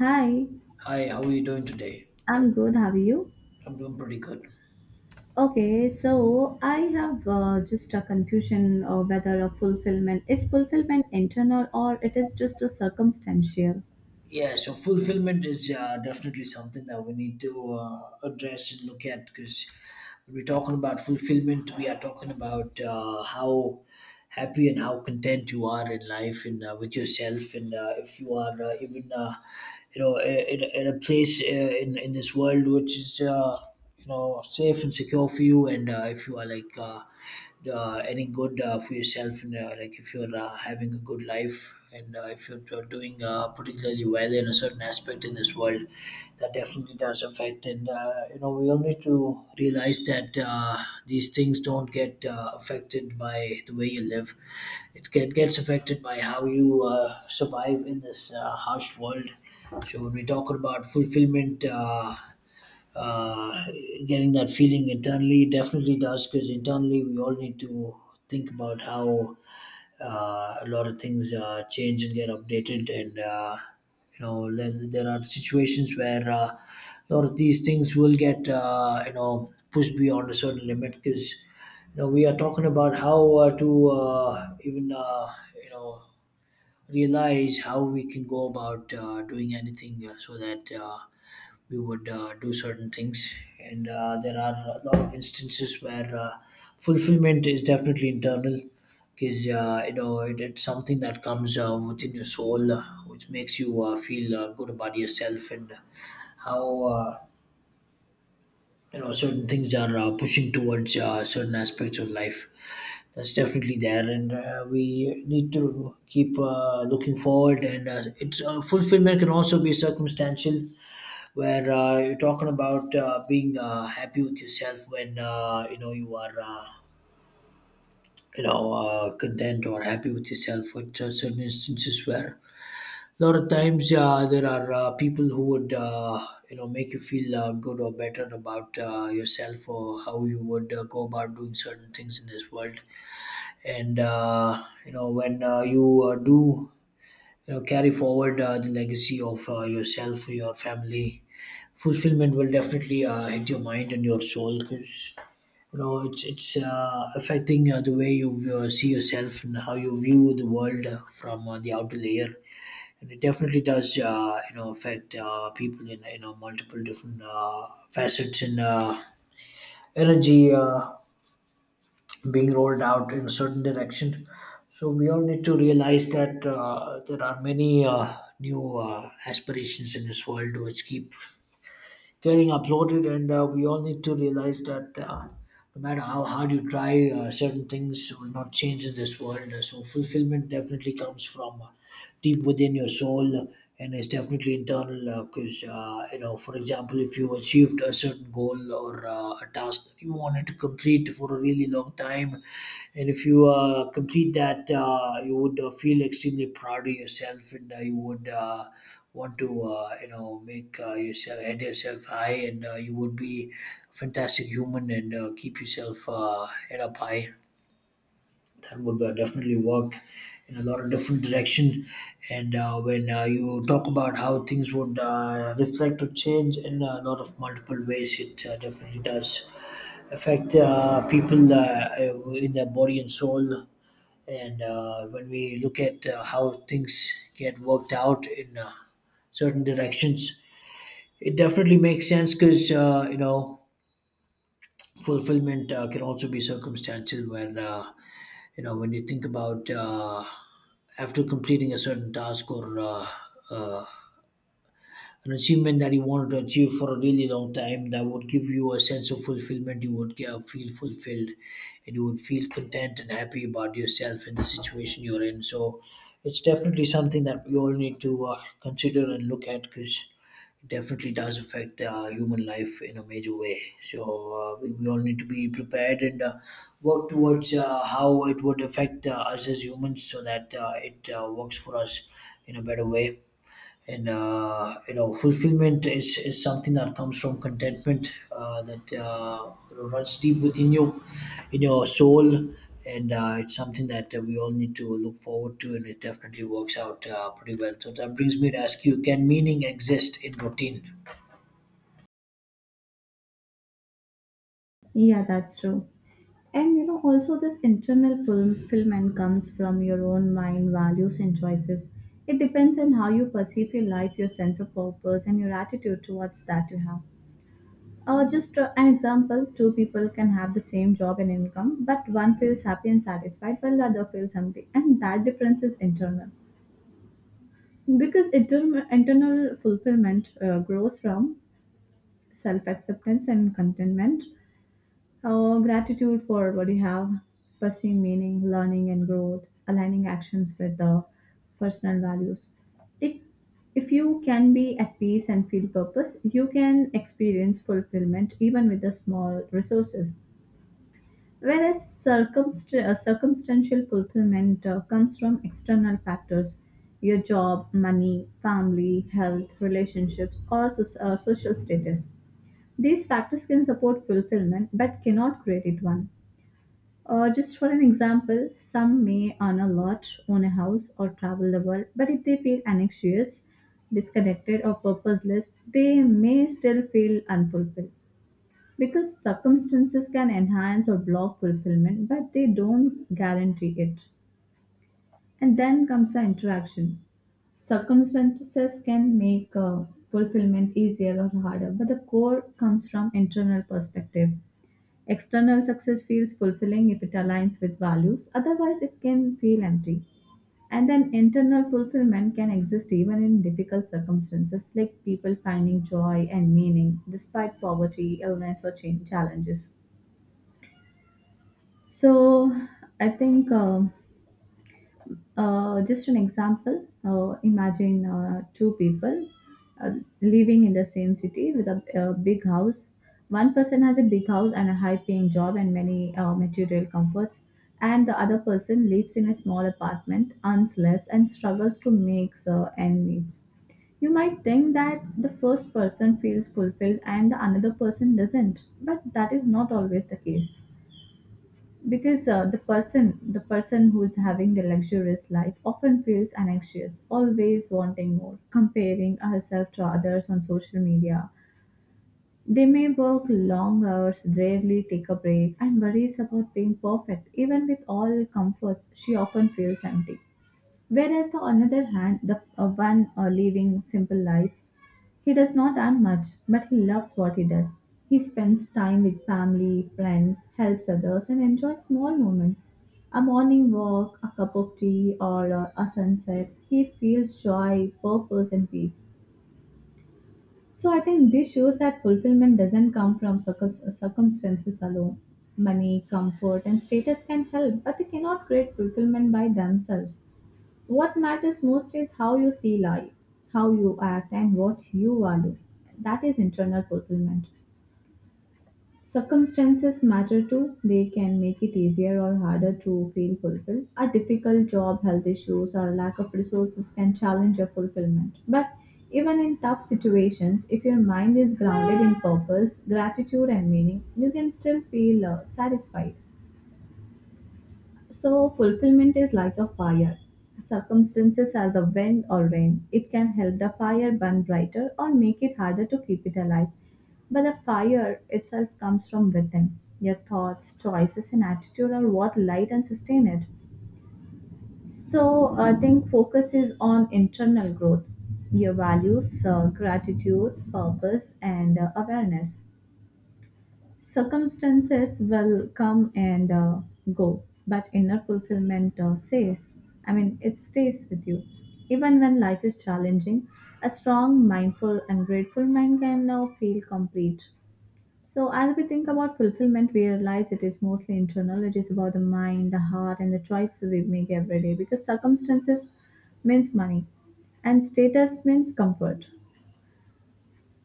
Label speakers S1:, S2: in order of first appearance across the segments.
S1: Hi,
S2: Hi, how are you doing today?
S1: I'm good. How are you?
S2: I'm doing pretty good.
S1: Okay, so I have just a confusion of whether a fulfillment is fulfillment internal or it is just a circumstantial.
S2: Yeah, so fulfillment is definitely something that we need to address and look at because when we're talking about fulfillment, we are talking about how happy and how content you are in life and, with yourself, and if you are even in a place in this world which is safe and secure for you, and if you are like any good for yourself, and like if you're having a good life, and if you're doing particularly well in a certain aspect in this world, that definitely does affect. And we all need to realize that these things don't get affected by the way you live. It gets affected by how you survive in this harsh world. So when we talk about fulfillment uh, getting that feeling internally definitely does, because internally we all need to think about how a lot of things change and get updated. And then there are situations where a lot of these things will get, pushed beyond a certain limit, because you know we are talking about how to even you know realize how we can go about doing anything, so that we would do certain things. And there are a lot of instances where fulfillment is definitely internal, because it's something that comes within your soul, which makes you feel good about yourself, and how certain things are pushing towards certain aspects of life. That's definitely there, and we need to keep looking forward. And it's fulfillment can also be circumstantial, where you're talking about being happy with yourself, when you are content or happy with yourself at certain instances, where a lot of times there are people who would, make you feel good or better about yourself, or how you would go about doing certain things in this world. And when you do, you know, carry forward the legacy of yourself, your family, fulfillment will definitely hit your mind and your soul, because you know it's affecting the way you see yourself and how you view the world from the outer layer. And it definitely does, affect people in, you know, multiple different facets, and energy being rolled out in a certain direction. So we all need to realize that there are many new aspirations in this world which keep getting uploaded, and we all need to realize that. No matter how hard you try, certain things will not change in this world. So fulfillment definitely comes from deep within your soul, and it's definitely internal. Because, you know, for example, if you achieved a certain goal or a task that you wanted to complete for a really long time, and if you complete that, you would feel extremely proud of yourself, and you would want to, you know, make yourself head, yourself high, and you would be fantastic human, and keep yourself head up high. That would definitely work in a lot of different direction. And when you talk about how things would reflect or change in a lot of multiple ways, it definitely does affect people in their body and soul. And when we look at how things get worked out in certain directions, it definitely makes sense, because fulfillment can also be circumstantial, where when you think about after completing a certain task, or uh, an achievement that you wanted to achieve for a really long time, that would give you a sense of fulfillment. You would feel fulfilled, and you would feel content and happy about yourself and the situation you're in. So it's definitely something that we all need to consider and look at, because it definitely does affect human life in a major way. So we all need to be prepared, and work towards how it would affect us as humans, so that it works for us in a better way. And fulfillment is something that comes from contentment that, you know, runs deep within you, in your soul. And it's something that we all need to look forward to, and it definitely works out pretty well. So that brings me to ask you, can meaning exist in routine?
S1: Yeah, that's true. And you know, also this internal fulfillment comes from your own mind, values, and choices. It depends on how you perceive your life, your sense of purpose, and your attitude towards that you have. Just an example, two people can have the same job and income, but one feels happy and satisfied while the other feels empty, and that difference is internal. Because internal fulfillment grows from self acceptance and contentment, gratitude for what you have, pursuing meaning, learning, and growth, aligning actions with the personal values. It, if you can be at peace and feel purpose, you can experience fulfillment even with the small resources. Whereas circumstantial fulfillment comes from external factors, your job, money, family, health, relationships, or social status. These factors can support fulfillment but cannot create it one. Just for an example, some may earn a lot, own a house, or travel the world, but if they feel anxious, disconnected, or purposeless, they may still feel unfulfilled. Because circumstances can enhance or block fulfillment, but they don't guarantee it. And then comes the interaction. Circumstances can make fulfillment easier or harder, but the core comes from internal perspective. External success feels fulfilling if it aligns with values, otherwise, it can feel empty. And then internal fulfillment can exist even in difficult circumstances, like people finding joy and meaning despite poverty, illness, or change challenges. So I think just an example. Imagine two people uh, living in the same city with a big house. One person has a big house and a high-paying job and many material comforts, and the other person lives in a small apartment, earns less, and struggles to make end meets. You might think that the first person feels fulfilled and the another person doesn't, but that is not always the case because the person who's having the luxurious life often feels anxious, always wanting more, comparing herself to others on social media. They may work long hours, rarely take a break, and worries about being perfect. Even with all comforts, she often feels empty. Whereas, the on the other hand, the one living simple life, he does not earn much, but he loves what he does. He spends time with family, friends, helps others, and enjoys small moments. A morning walk, a cup of tea, or a sunset. He feels joy, purpose, and peace. So I think this shows that fulfillment doesn't come from circumstances alone. Money, comfort, and status can help, but they cannot create fulfillment by themselves. What matters most is how you see life, how you act, and what you value. That is internal fulfillment. Circumstances matter too. They can make it easier or harder to feel fulfilled. A difficult job, health issues, or lack of resources can challenge your fulfillment. But even in tough situations, if your mind is grounded in purpose, gratitude, and meaning, you can still feel satisfied. So, fulfillment is like a fire. Circumstances are the wind or rain. It can help the fire burn brighter or make it harder to keep it alive. But the fire itself comes from within. Your thoughts, choices, and attitude are what light and sustain it. So, I think focus is on internal growth, your values, gratitude, purpose, and awareness. Circumstances will come and go, but inner fulfillment stays. I mean, it stays with you. Even when life is challenging, a strong, mindful, and grateful mind can now feel complete. So, as we think about fulfillment, we realize it is mostly internal. It is about the mind, the heart, and the choices we make every day, because circumstances means money and status means comfort.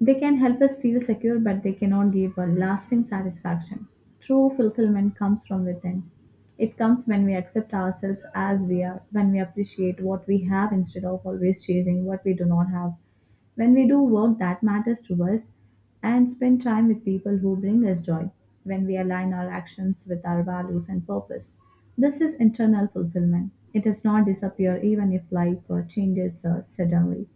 S1: They can help us feel secure, but they cannot give a lasting satisfaction. True fulfillment comes from within. It comes when we accept ourselves as we are, when we appreciate what we have instead of always chasing what we do not have, when we do work that matters to us and spend time with people who bring us joy, when we align our actions with our values and purpose. This is internal fulfillment. It does not disappear even if life changes suddenly.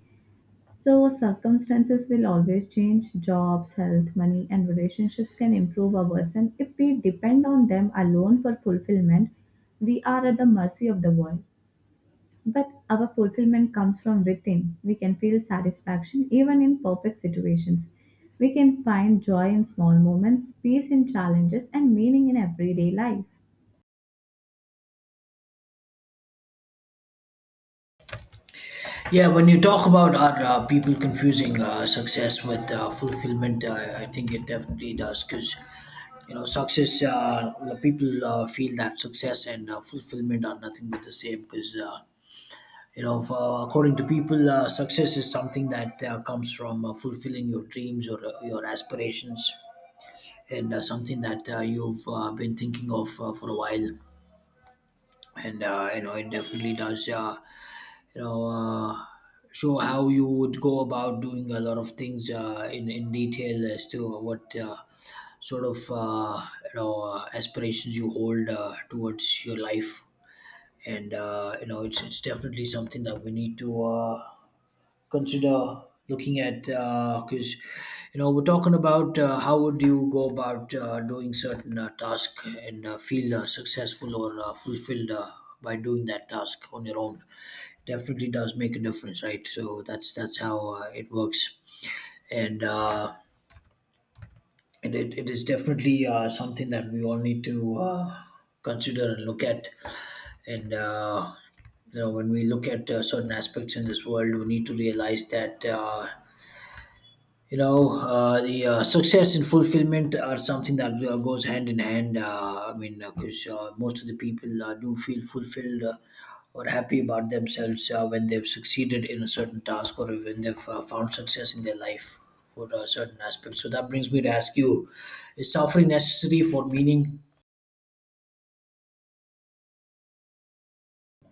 S1: So, circumstances will always change. Jobs, health, money, and relationships can improve or worsen. If we depend on them alone for fulfillment, we are at the mercy of the world. But our fulfillment comes from within. We can feel satisfaction even in perfect situations. We can find joy in small moments, peace in challenges, and meaning in everyday life.
S2: Yeah, when you talk about, are people confusing success with fulfillment, I think it definitely does, because you know success. People feel that success and fulfillment are nothing but the same, because, according to people, success is something that comes from fulfilling your dreams or your aspirations, and something that you've been thinking of for a while. And it definitely does, you know uh, show how you would go about doing a lot of things in detail as to what sort of aspirations you hold towards your life. And it's definitely something that we need to consider looking at, because you know we're talking about how would you go about doing certain task and feel successful or fulfilled by doing that task on your own. Definitely does make a difference, right? So that's how it works, and it is definitely something that we all need to consider and look at, and you know, when we look at certain aspects in this world, we need to realize that you know the success and fulfillment are something that goes hand in hand. I mean, because most of the people do feel fulfilled or happy about themselves when they've succeeded in a certain task, or when they've found success in their life for a certain aspect. So that brings me to ask you, is suffering necessary for meaning?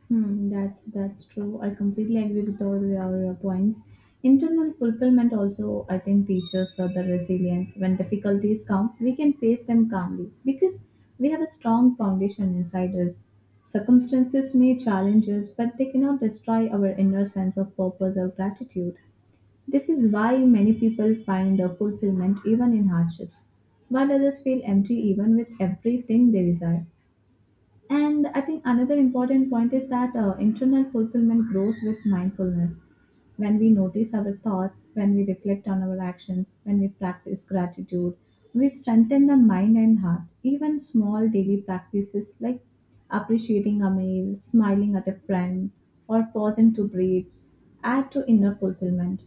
S1: Hmm, that's true. I completely agree with all your points. Internal fulfillment also, I think, teaches us the resilience. When difficulties come, we can face them calmly because we have a strong foundation inside us. Circumstances may challenge us, but they cannot destroy our inner sense of purpose or gratitude. This is why many people find a fulfillment even in hardships, while others feel empty even with everything they desire. And I think another important point is that internal fulfillment grows with mindfulness. When we notice our thoughts, when we reflect on our actions, when we practice gratitude, we strengthen the mind and heart. Even small daily practices like appreciating a meal, smiling at a friend, or pausing to breathe add to inner fulfillment.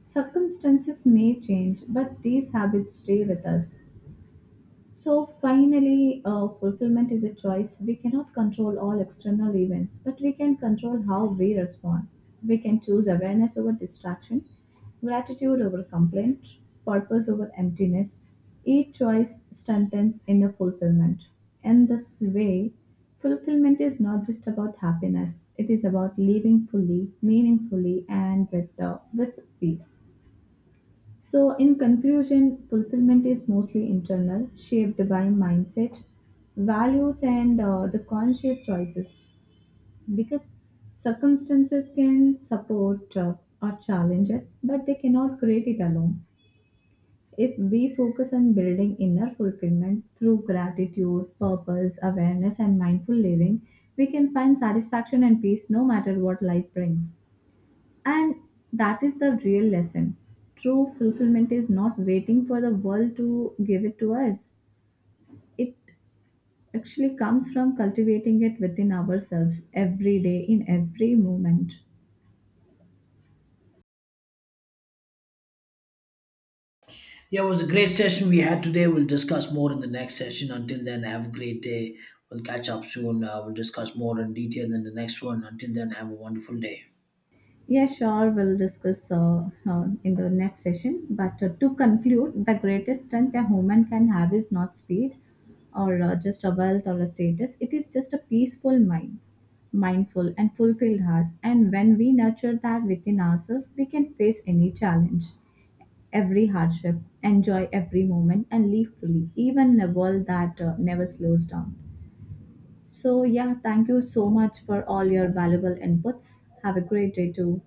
S1: Circumstances may change, but these habits stay with us. So finally, fulfillment is a choice. We cannot control all external events, but we can control how we respond. We can choose awareness over distraction, gratitude over complaint, purpose over emptiness. Each choice strengthens inner fulfillment. In this way, fulfillment is not just about happiness, it is about living fully, meaningfully, and with, the, with peace. So, in conclusion, fulfillment is mostly internal, shaped by mindset, values, and the conscious choices. Because circumstances can support or challenge it, but they cannot create it alone. If we focus on building inner fulfillment through gratitude, purpose, awareness, and mindful living, we can find satisfaction and peace no matter what life brings. And that is the real lesson. True fulfillment is not waiting for the world to give it to us. It actually comes from cultivating it within ourselves every day, in every moment.
S2: Yeah, it was a great session we had today. We'll discuss more in the next session. Until then, have a great day. We'll catch up soon. We'll discuss more in detail in the next one. Until then, have a wonderful day.
S1: Yeah, sure. We'll discuss in the next session. But to conclude, the greatest strength a human can have is not speed or just a wealth or a status. It is just a peaceful mind, mindful and fulfilled heart. And when we nurture that within ourselves, we can face any challenge, every hardship, enjoy every moment, and live fully, even in a world that never slows down. So, yeah, thank you so much for all your valuable inputs. Have a great day too.